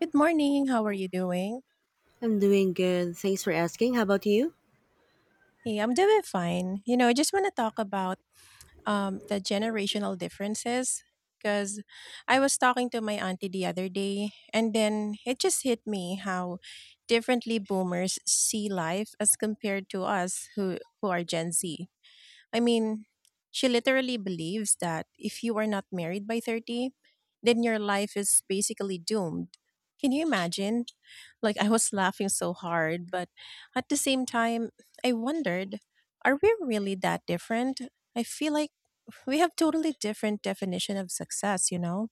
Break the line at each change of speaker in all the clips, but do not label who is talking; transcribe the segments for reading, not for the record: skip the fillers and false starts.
Good morning. How are you doing?
I'm doing good. Thanks for asking. How about you?
Hey, I'm doing fine. You know, I just want to talk about the generational differences because I was talking to my auntie the other day, and then it just hit me how differently boomers see life as compared to us who are Gen Z. I mean, she literally believes that if you are not married by 30, then your life is basically doomed. Can you imagine? Like, I was laughing so hard, but at the same time, I wondered, are we really that different? I feel like we have totally different definition of success, you know?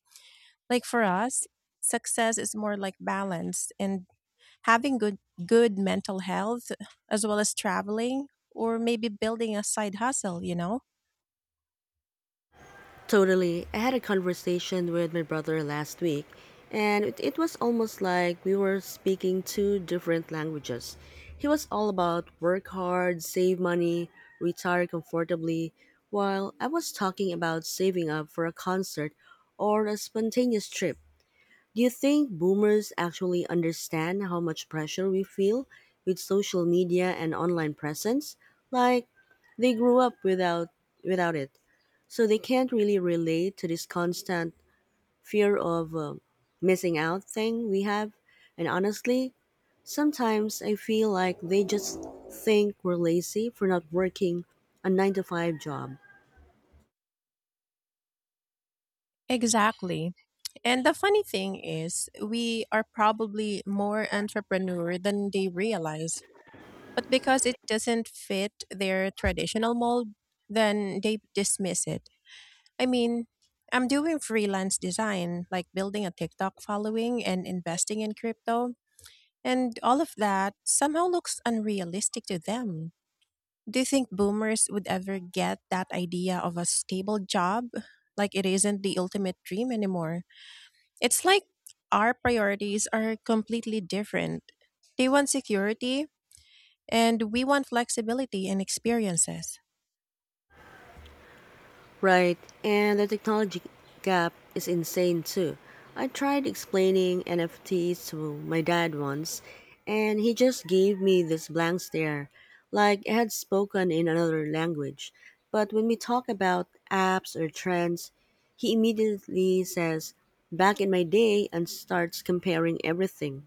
Like for us, success is more like balance and having good mental health as well as traveling or maybe building a side hustle, you know?
Totally. I had a conversation with my brother last week, and it was almost like we were speaking two different languages. He was all about work hard, save money, retire comfortably, while I was talking about saving up for a concert or a spontaneous trip. Do you think boomers actually understand how much pressure we feel with social media and online presence? Like they grew up without it, so they can't really relate to this constant fear of missing out thing we have. And honestly, sometimes I feel like they just think we're lazy for not working a 9 to 5 job.
Exactly. And the funny thing is, we are probably more entrepreneur than they realize. But because it doesn't fit their traditional mold, then they dismiss it. I mean, I'm doing freelance design, like building a TikTok following and investing in crypto. And all of that somehow looks unrealistic to them. Do you think boomers would ever get that idea of a stable job? Like it isn't the ultimate dream anymore. It's like our priorities are completely different. They want security, and we want flexibility and experiences.
Right, and the technology gap is insane too. I tried explaining NFTs to my dad once, and he just gave me this blank stare, like I had spoken in another language. But when we talk about apps or trends, he immediately says, Back in my day, and starts comparing everything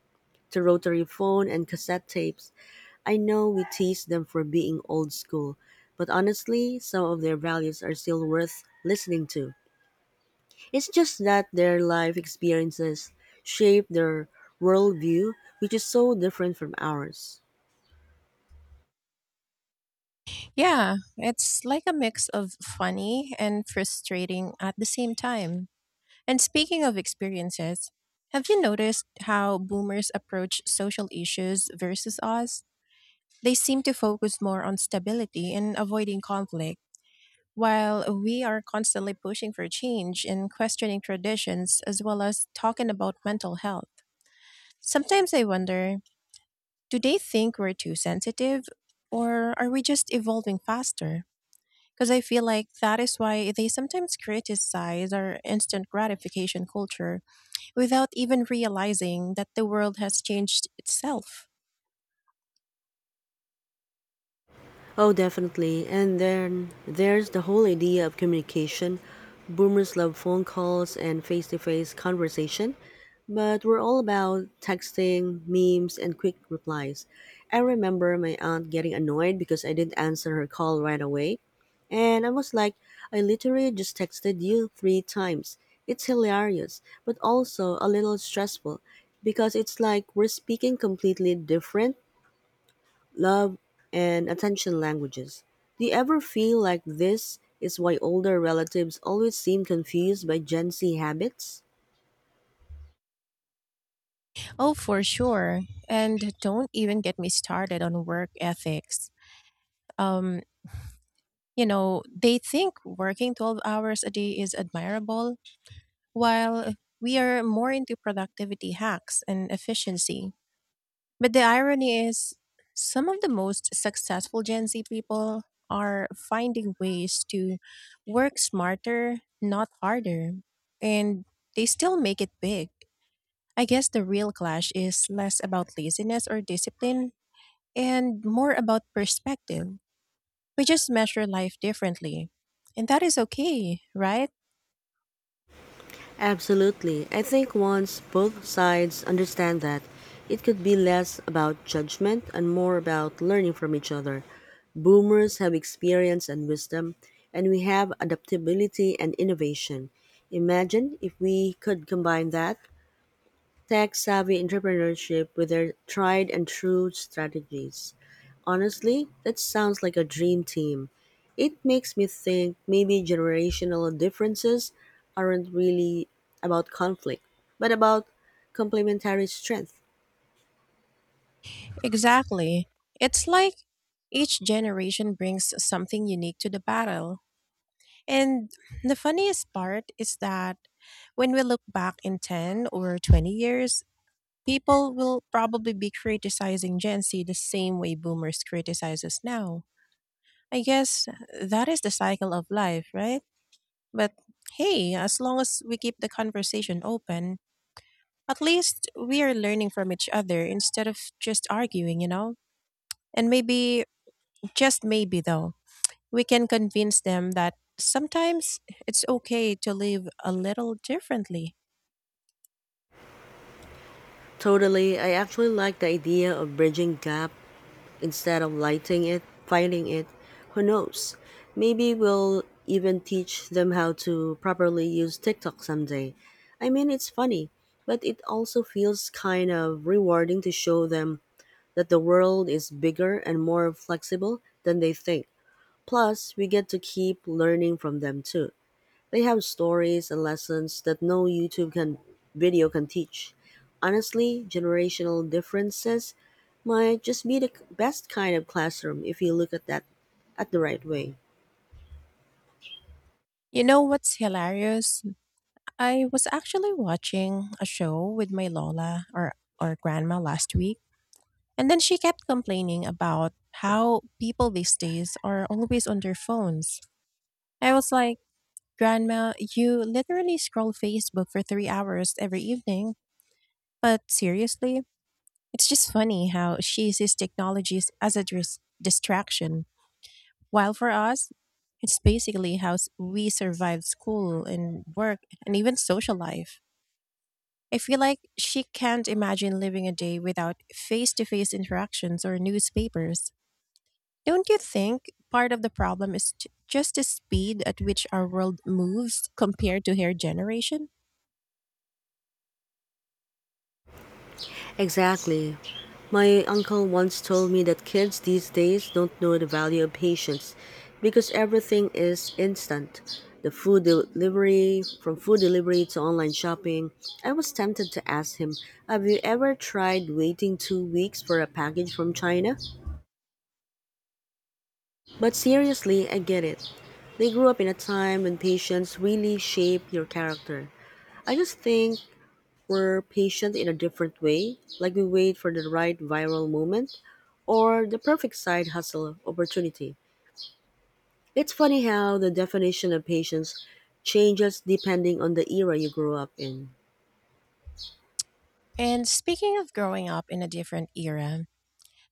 to rotary phone and cassette tapes. I know we tease them for being old school, but honestly, some of their values are still worth listening to. It's just that their life experiences shape their worldview, which is so different from ours.
Yeah, it's like a mix of funny and frustrating at the same time. And speaking of experiences, have you noticed how boomers approach social issues versus us? They seem to focus more on stability and avoiding conflict. While we are constantly pushing for change and questioning traditions, as well as talking about mental health, sometimes I wonder, do they think we're too sensitive or are we just evolving faster? Because I feel like that is why they sometimes criticize our instant gratification culture without even realizing that the world has changed itself.
Oh, definitely. And then there's the whole idea of communication. Boomers love phone calls and face to face conversation, but we're all about texting, memes, and quick replies. I remember my aunt getting annoyed because I didn't answer her call right away. And I was like, I literally just texted you 3 times. It's hilarious, but also a little stressful because it's like we're speaking completely different love, and attention languages. Do you ever feel like this is why older relatives always seem confused by Gen Z habits?
Oh, for sure. And don't even get me started on work ethics. Um, You know, they think working 12 hours a day is admirable, while we are more into productivity hacks and efficiency. But the irony is, some of the most successful Gen Z people are finding ways to work smarter, not harder, and they still make it big. I guess the real clash is less about laziness or discipline and more about perspective. We just measure life differently. And that is okay, right?
Absolutely. I think once both sides understand that, it could be less about judgment and more about learning from each other. Boomers have experience and wisdom, and we have adaptability and innovation. Imagine if we could combine that tech-savvy entrepreneurship with their tried and true strategies. Honestly, that sounds like a dream team. It makes me think maybe generational differences aren't really about conflict, but about complementary strength.
Exactly. It's like each generation brings something unique to the battle. And the funniest part is that when we look back in 10 or 20 years, people will probably be criticizing Gen Z the same way boomers criticize us now. I guess that is the cycle of life, right? But hey, as long as we keep the conversation open, at least we are learning from each other instead of just arguing, you know? And maybe, just maybe though, we can convince them that sometimes it's okay to live a little differently.
Totally. I actually like the idea of bridging gap instead of fighting it. Who knows? Maybe we'll even teach them how to properly use TikTok someday. I mean, it's funny, but it also feels kind of rewarding to show them that the world is bigger and more flexible than they think. Plus, we get to keep learning from them too. They have stories and lessons that no YouTube can video can teach. Honestly, generational differences might just be the best kind of classroom if you look at the right way.
You know what's hilarious? I was actually watching a show with my Lola or grandma last week, and then she kept complaining about how people these days are always on their phones. I was like, Grandma, you literally scroll Facebook for 3 hours every evening. But seriously, it's just funny how she sees technologies as a distraction, while for us, it's basically how we survive school and work and even social life. I feel like she can't imagine living a day without face to face interactions or newspapers. Don't you think part of the problem is just the speed at which our world moves compared to her generation?
Exactly. My uncle once told me that kids these days don't know the value of patience because everything is instant. From food delivery to online shopping, I was tempted to ask him, Have you ever tried waiting 2 weeks for a package from China? But seriously, I get it. They grew up in a time when patience really shaped your character. I just think we're patient in a different way, like we wait for the right viral moment or the perfect side hustle opportunity. It's funny how the definition of patience changes depending on the era you grew up in.
And speaking of growing up in a different era,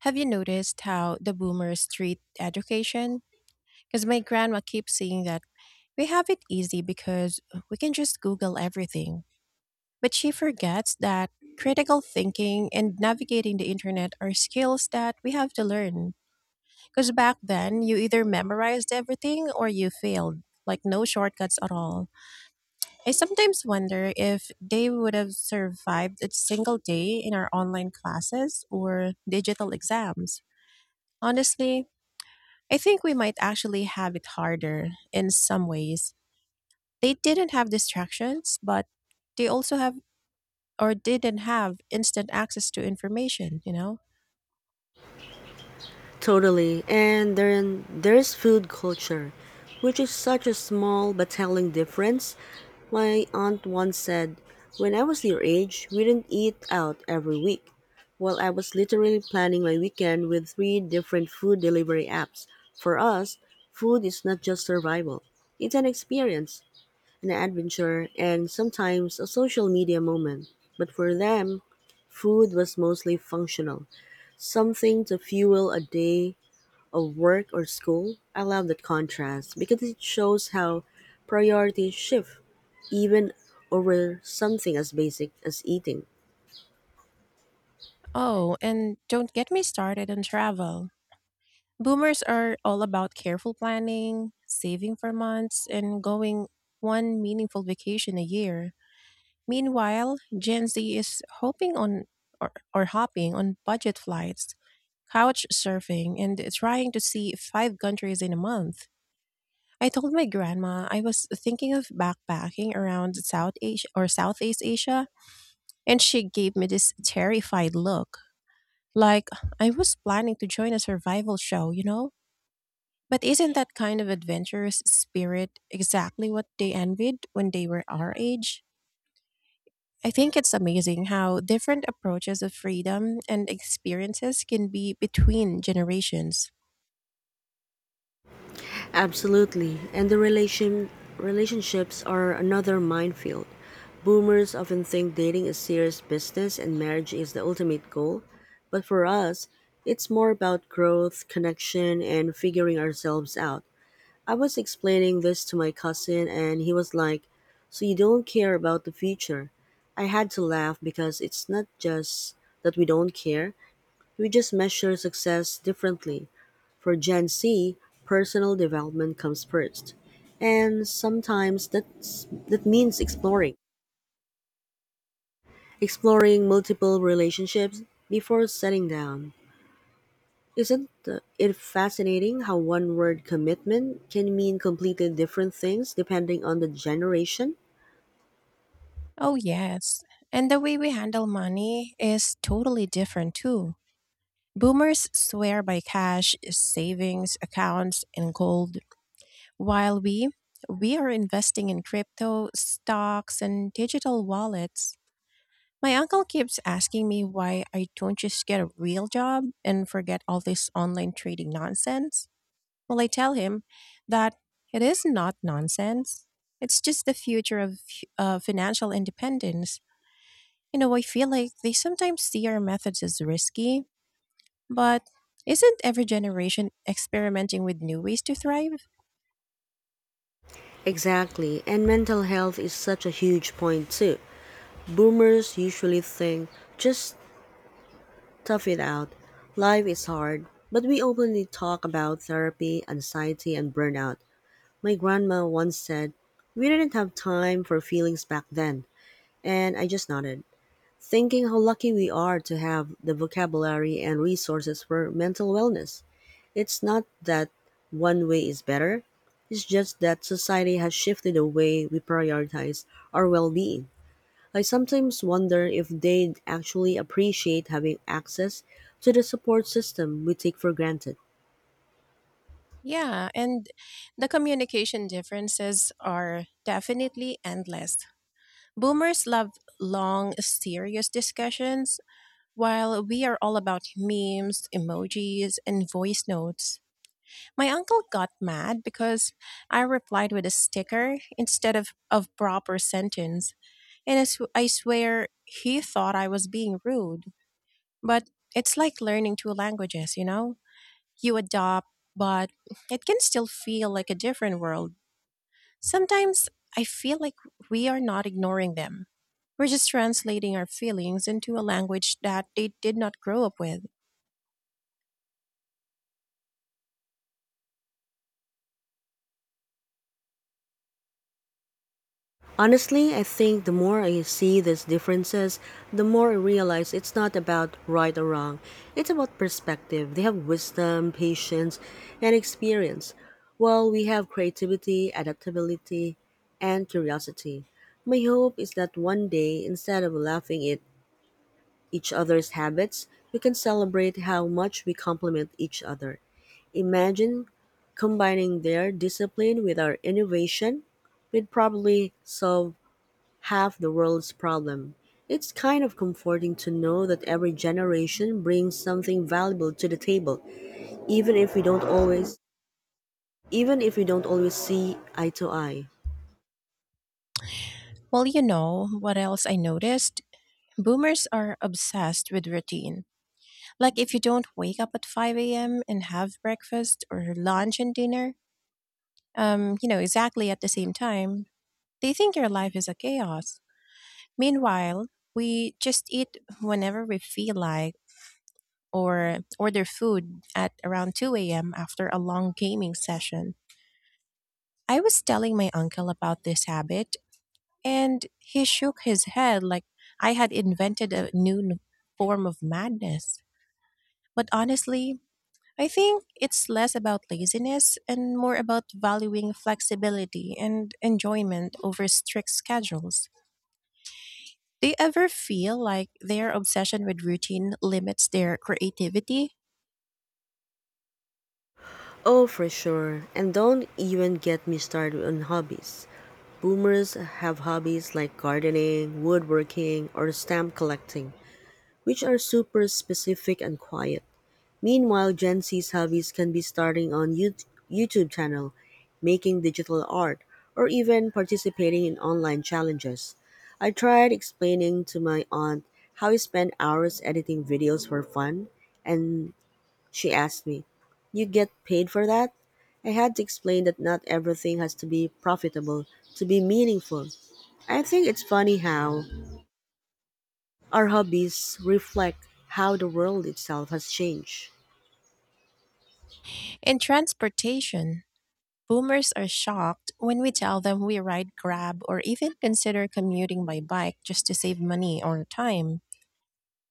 have you noticed how the boomers treat education? Because my grandma keeps saying that we have it easy because we can just Google everything. But she forgets that critical thinking and navigating the internet are skills that we have to learn. Because back then, you either memorized everything or you failed, like no shortcuts at all. I sometimes wonder if they would have survived a single day in our online classes or digital exams. Honestly, I think we might actually have it harder in some ways. They didn't have distractions, but they also have or didn't have instant access to information, you know?
Totally. And then there's food culture, which is such a small but telling difference. My aunt once said, When I was your age, we didn't eat out every week. Well, I was literally planning my weekend with three different food delivery apps. For us, food is not just survival, it's an experience, an adventure, and sometimes a social media moment. But for them, food was mostly functional, something to fuel a day of work or school. I love that contrast because it shows how priorities shift even over something as basic as eating.
Oh, and don't get me started on travel. Boomers are all about careful planning, saving for months, and going one meaningful vacation a year. Meanwhile, Gen Z is hoping on or hopping on budget flights, couch surfing, and trying to see 5 countries in a month. I told my grandma I was thinking of backpacking around South Asia or Southeast Asia, and she gave me this terrified look, like I was planning to join a survival show, you know? But isn't that kind of adventurous spirit exactly what they envied when they were our age? I think it's amazing how different approaches of freedom and experiences can be between generations.
Absolutely. And the relationships are another minefield. Boomers often think dating is serious business and marriage is the ultimate goal, but for us, it's more about growth, connection, and figuring ourselves out. I was explaining this to my cousin, and he was like, So you don't care about the future? I had to laugh because it's not just that we don't care, we just measure success differently. For Gen Z, personal development comes first. And sometimes that means exploring multiple relationships before settling down. Isn't it fascinating how one word commitment can mean completely different things depending on the generation?
Oh, yes. And the way we handle money is totally different, too. Boomers swear by cash, savings, accounts, and gold, while we are investing in crypto, stocks, and digital wallets. My uncle keeps asking me why I don't just get a real job and forget all this online trading nonsense. Well, I tell him that it is not nonsense. It's just the future of financial independence. You know, I feel like they sometimes see our methods as risky, but isn't every generation experimenting with new ways to thrive?
Exactly, and mental health is such a huge point too. Boomers usually think, just tough it out, life is hard, but we openly talk about therapy, anxiety, and burnout. My grandma once said, We didn't have time for feelings back then, and I just nodded, thinking how lucky we are to have the vocabulary and resources for mental wellness. It's not that one way is better, it's just that society has shifted the way we prioritize our well being. I sometimes wonder if they'd actually appreciate having access to the support system we take for granted.
Yeah, and the communication differences are definitely endless. Boomers love long, serious discussions, while we are all about memes, emojis, and voice notes. My uncle got mad because I replied with a sticker instead of a proper sentence. And I swear he thought I was being rude. But it's like learning 2 languages, you know? You adopt, but it can still feel like a different world. Sometimes I feel like we are not ignoring them. We're just translating our feelings into a language that they did not grow up with.
Honestly, I think the more I see these differences, the more I realize it's not about right or wrong. It's about perspective. They have wisdom, patience, and experience, while we have creativity, adaptability, and curiosity. My hope is that one day, instead of laughing at each other's habits, we can celebrate how much we complement each other. Imagine combining their discipline with our innovation, we'd probably solve half the world's problem. It's kind of comforting to know that every generation brings something valuable to the table, even if we don't always even if we don't always see eye to eye.
Well, you know what else I noticed? Boomers are obsessed with routine. Like if you don't wake up at 5 a.m. and have breakfast or lunch and dinner, you know, exactly at the same time, they think your life is a chaos. Meanwhile, we just eat whenever we feel like or order food at around 2 a.m. after a long gaming session. I was telling my uncle about this habit, and he shook his head like I had invented a new n- form of madness. But honestly, I think it's less about laziness and more about valuing flexibility and enjoyment over strict schedules. Do you ever feel like their obsession with routine limits their creativity?
Oh, for sure. And don't even get me started on hobbies. Boomers have hobbies like gardening, woodworking, or stamp collecting, which are super specific and quiet. Meanwhile, Gen Z's hobbies can be starting a YouTube channel, making digital art, or even participating in online challenges. I tried explaining to my aunt how I spend hours editing videos for fun, and she asked me, You get paid for that? I had to explain that not everything has to be profitable to be meaningful. I think it's funny how our hobbies reflect how the world itself has changed.
In transportation, boomers are shocked when we tell them we ride Grab or even consider commuting by bike just to save money or time.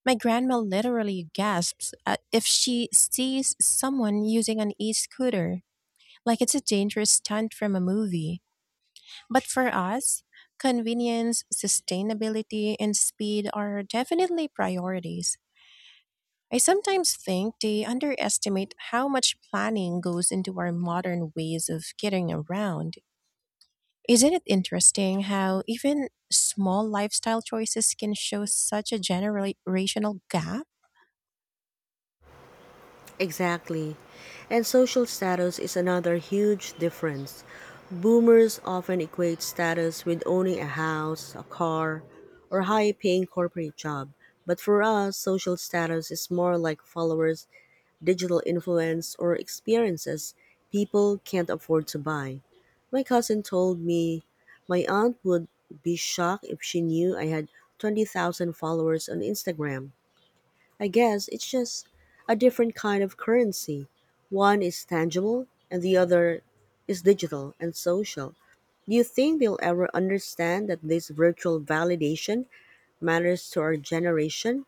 My grandma literally gasps if she sees someone using an e scooter, like it's a dangerous stunt from a movie. But for us, convenience, sustainability, and speed are definitely priorities. I sometimes think they underestimate how much planning goes into our modern ways of getting around. Isn't it interesting how even small lifestyle choices can show such a generational gap?
Exactly. And social status is another huge difference. Boomers often equate status with owning a house, a car, or high paying corporate job. But for us, social status is more like followers, digital influence, or experiences people can't afford to buy. My cousin told me my aunt would be shocked if she knew I had 20,000 followers on Instagram. I guess it's just a different kind of currency. One is tangible and the other is digital and social. Do you think they'll ever understand that this virtual validation matters to our generation?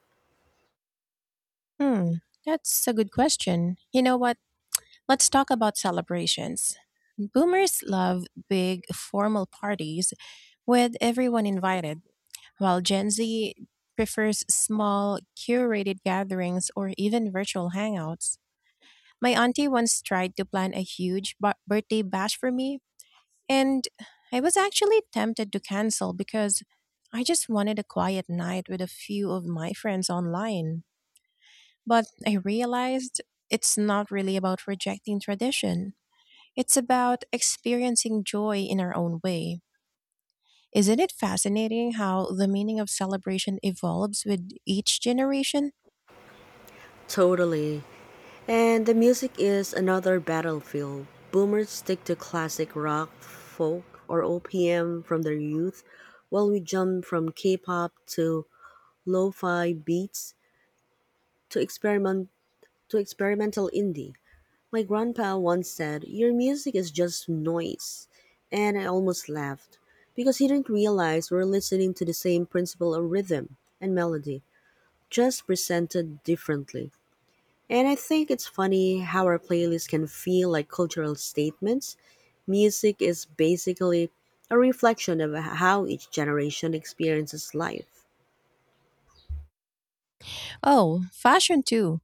Hmm, that's a good question. You know what? Let's talk about celebrations. Boomers love big formal parties with everyone invited, while Gen Z prefers small, curated gatherings or even virtual hangouts. My auntie once tried to plan a huge birthday bash for me, and I was actually tempted to cancel because I just wanted a quiet night with a few of my friends online. But I realized it's not really about rejecting tradition. It's about experiencing joy in our own way. Isn't it fascinating how the meaning of celebration evolves with each generation?
Totally. And the music is another battlefield. Boomers stick to classic rock, folk, or OPM from their youth, while we jump from K-pop to lo-fi beats to experimental indie. My grandpa once said, Your music is just noise. And I almost laughed because he didn't realize we're listening to the same principle of rhythm and melody, just presented differently. And I think it's funny how our playlists can feel like cultural statements. Music is basically a reflection of how each generation experiences life.
Oh, fashion too.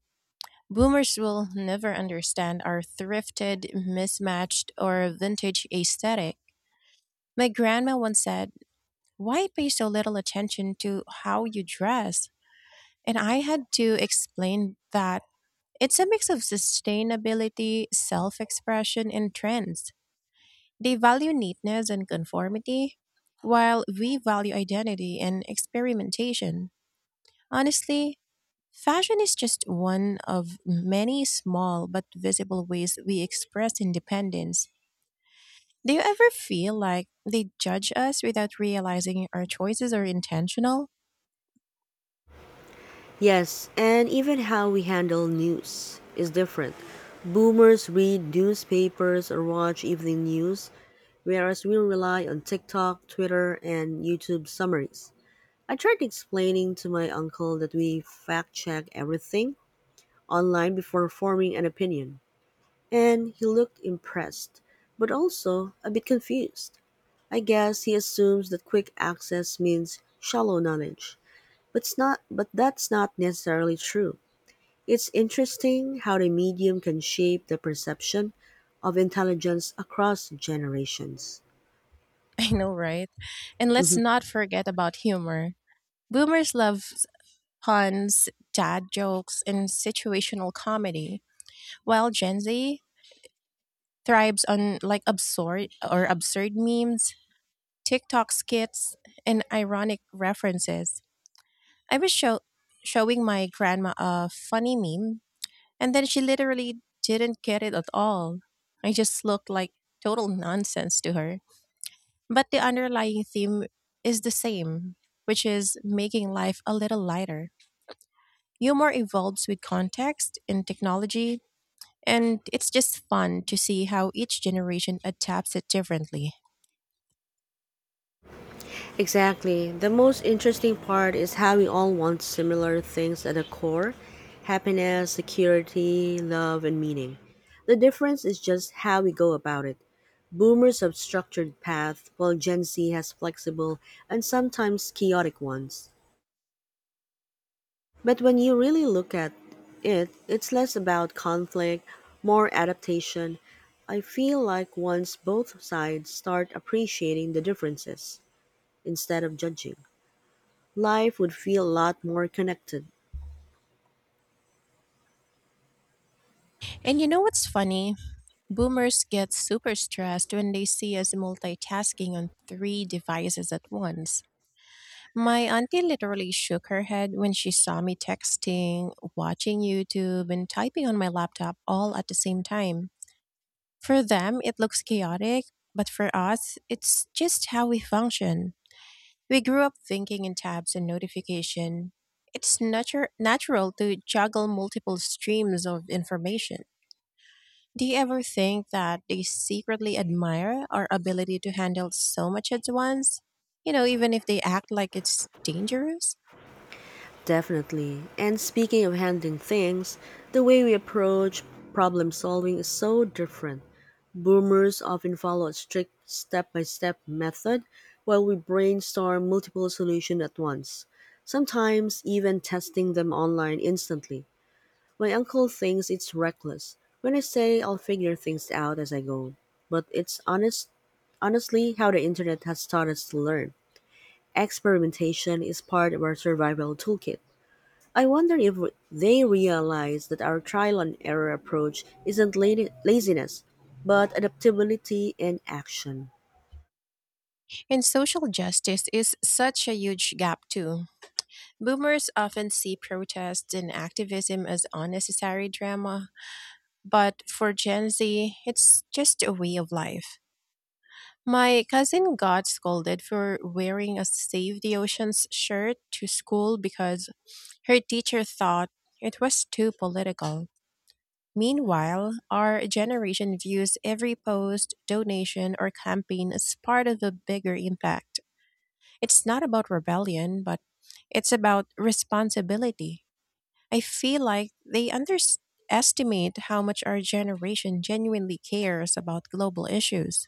Boomers will never understand our thrifted, mismatched, or vintage aesthetic. My grandma once said, why pay so little attention to how you dress? And I had to explain that it's a mix of sustainability, self expression, and trends. They value neatness and conformity, while we value identity and experimentation. Honestly, fashion is just one of many small but visible ways we express independence. Do you ever feel like they judge us without realizing our choices are intentional?
Yes, and even how we handle news is different. Boomers read newspapers or watch evening news, whereas we rely on TikTok, Twitter, and YouTube summaries. I tried explaining to my uncle that we fact check everything online before forming an opinion, and he looked impressed, but also a bit confused. I guess he assumes that quick access means shallow knowledge, but it's not but that's not necessarily true. It's interesting how the medium can shape the perception of intelligence across generations.
I know, right? And let's
Mhm.
not forget about humor. Boomers love puns, dad jokes, and situational comedy, while Gen Z thrives on like absurd memes, TikTok skits, and ironic references. I was showing my grandma a funny meme, and then she literally didn't get it at all. I just looked like total nonsense to her. But the underlying theme is the same, which is making life a little lighter. Humor evolves with context and technology, and it's just fun to see how each generation adapts it differently.
Exactly. The most interesting part is how we all want similar things at the core happiness, security, love, and meaning. The difference is just how we go about it. Boomers have structured paths, while Gen Z has flexible and sometimes chaotic ones. But when you really look at it, it's less about conflict, more adaptation. I feel like once both sides start appreciating the differences instead of judging, life would feel a lot more connected.
And you know what's funny? Boomers get super stressed when they see us multitasking on 3 devices at once. My auntie literally shook her head when she saw me texting, watching YouTube, and typing on my laptop all at the same time. For them, it looks chaotic, but for us, it's just how we function. We grew up thinking in tabs and notification. It's natural to juggle multiple streams of information. Do you ever think that they secretly admire our ability to handle so much at once, You know, even if they act like it's dangerous?
Definitely. And speaking of handling things, the way we approach problem solving is so different. Boomers often follow a strict step by step method while we brainstorm multiple solutions at once, sometimes even testing them online instantly. My uncle thinks it's reckless when I say I'll figure things out as I go, but it's honestly how the internet has taught us to learn. Experimentation is part of our survival toolkit. I wonder if they realize that our trial and error approach isn't laziness, but adaptability in action.
And social justice is such a huge gap, too. Boomers often see protests and activism as unnecessary drama, but for Gen Z, it's just a way of life. My cousin got scolded for wearing a Save the Oceans shirt to school because her teacher thought it was too political. Meanwhile, our generation views every post, donation, or campaign as part of a bigger impact. It's not about rebellion, but it's about responsibility. I feel like they underestimate how much our generation genuinely cares about global issues.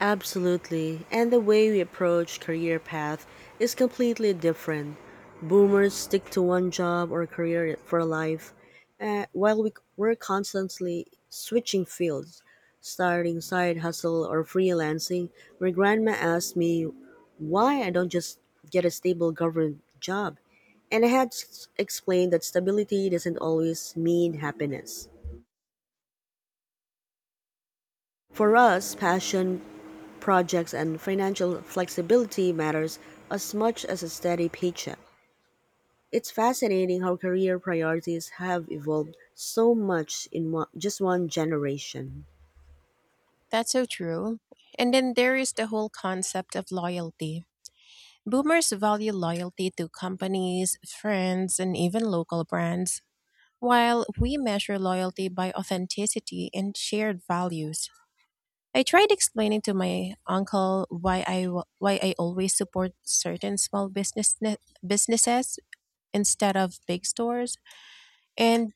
Absolutely. And the way we approach career path is completely different. Boomers stick to one job or career for life, while we're constantly switching fields, starting side hustle or freelancing. My grandma asked me why I don't just get a stable government job. And I had explained that stability doesn't always mean happiness. For us, passion projects and financial flexibility matters as much as a steady paycheck. It's fascinating how career priorities have evolved so much in just one generation.
That's so true. And then there is the whole concept of loyalty. Boomers value loyalty to companies, friends, and even local brands, while we measure loyalty by authenticity and shared values. I tried explaining to my uncle why why I always support certain small businesses instead of big stores, and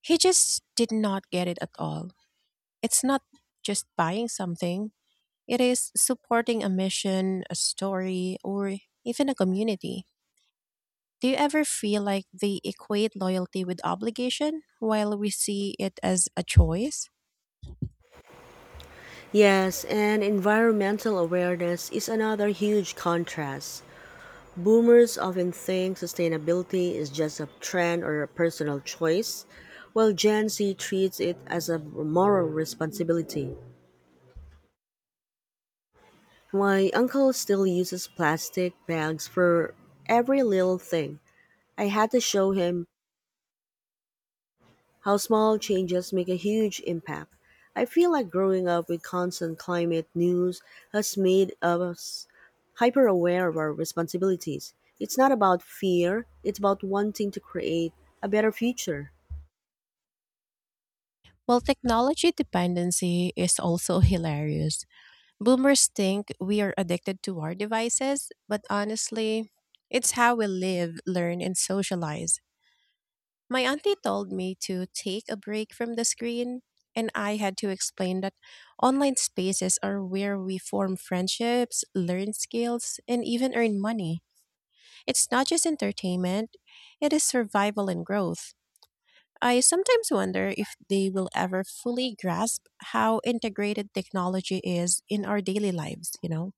he just did not get it at all. It's not just buying something, it is supporting a mission, a story, or even a community. Do you ever feel like they equate loyalty with obligation while we see it as a choice?
Yes, and environmental awareness is another huge contrast. Boomers often think sustainability is just a trend or a personal choice, while Gen Z treats it as a moral responsibility. My uncle still uses plastic bags for every little thing. I had to show him how small changes make a huge impact. I feel like growing up with constant climate news has made us hyper aware of our responsibilities. It's not about fear, it's about wanting to create a better future.
Well, technology dependency is also hilarious. Boomers think we are addicted to our devices, but honestly, it's how we live, learn, and socialize. My auntie told me to take a break from the screen, and I had to explain that online spaces are where we form friendships, learn skills, and even earn money. It's not just entertainment, it is survival and growth. I sometimes wonder if they will ever fully grasp how integrated technology is in our daily lives, you know?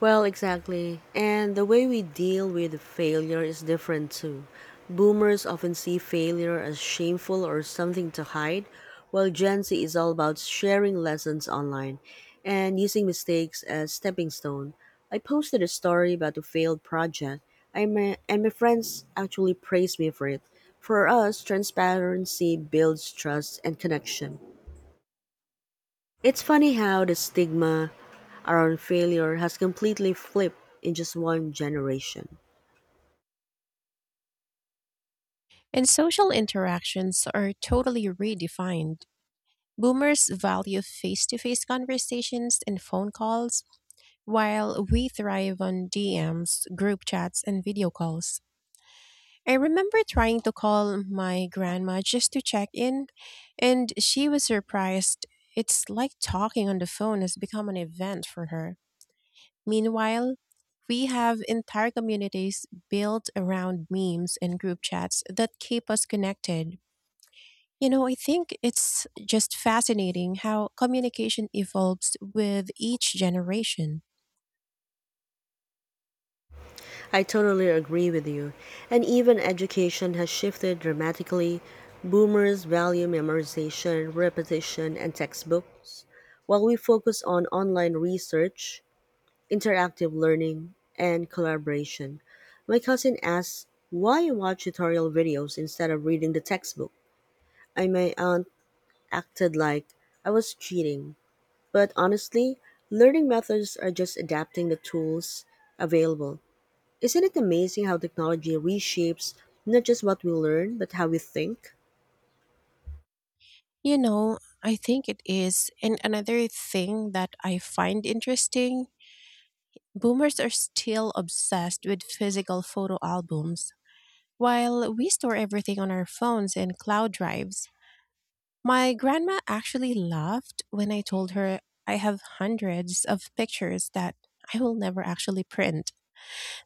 Well, exactly. And the way we deal with failure is different too. Boomers often see failure as shameful or something to hide, while Gen Z is all about sharing lessons online and using mistakes as stepping stone. I posted a story about a failed project, and my friends actually praised me for it. For us, transparency builds trust and connection. It's funny how the stigma around failure has completely flipped in just one generation.
And social interactions are totally redefined. Boomers value face to face conversations and phone calls, while we thrive on DMs, group chats, and video calls. I remember trying to call my grandma just to check in, and she was surprised. It's like talking on the phone has become an event for her. Meanwhile, we have entire communities built around memes and group chats that keep us connected. You know, I think it's just fascinating how communication evolves with each generation.
I totally agree with you. And even education has shifted dramatically. Boomers value memorization, repetition, and textbooks, while we focus on online research, interactive learning, and collaboration. My cousin asks why I watch tutorial videos instead of reading the textbook. I my aunt acted like I was cheating. But honestly, learning methods are just adapting the tools available. Isn't it amazing how technology reshapes not just what we learn, but how we think?
You know, I think it is. And another thing that I find interesting, boomers are still obsessed with physical photo albums. While we store everything on our phones and cloud drives, my grandma actually laughed when I told her I have hundreds of pictures that I will never actually print.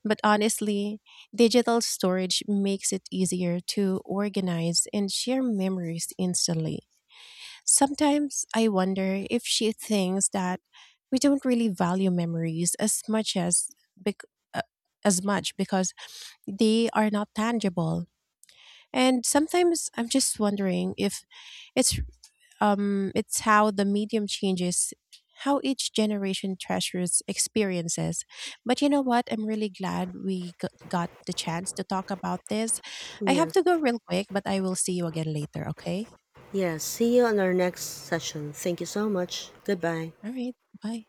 But honestly, digital storage makes it easier to organize and share memories instantly. Sometimes I wonder if she thinks that we don't really value memories as much as bec- uh, as much because they are not tangible. And sometimes I'm just wondering if it's it's how the medium changes how each generation treasures experiences. But you know what? I'm really glad got the chance to talk about this. I have
Yes.
to go real quick, but I will see you again later, okay?
Yes. See you on our next session. Thank you so much. Goodbye.
All right. Bye.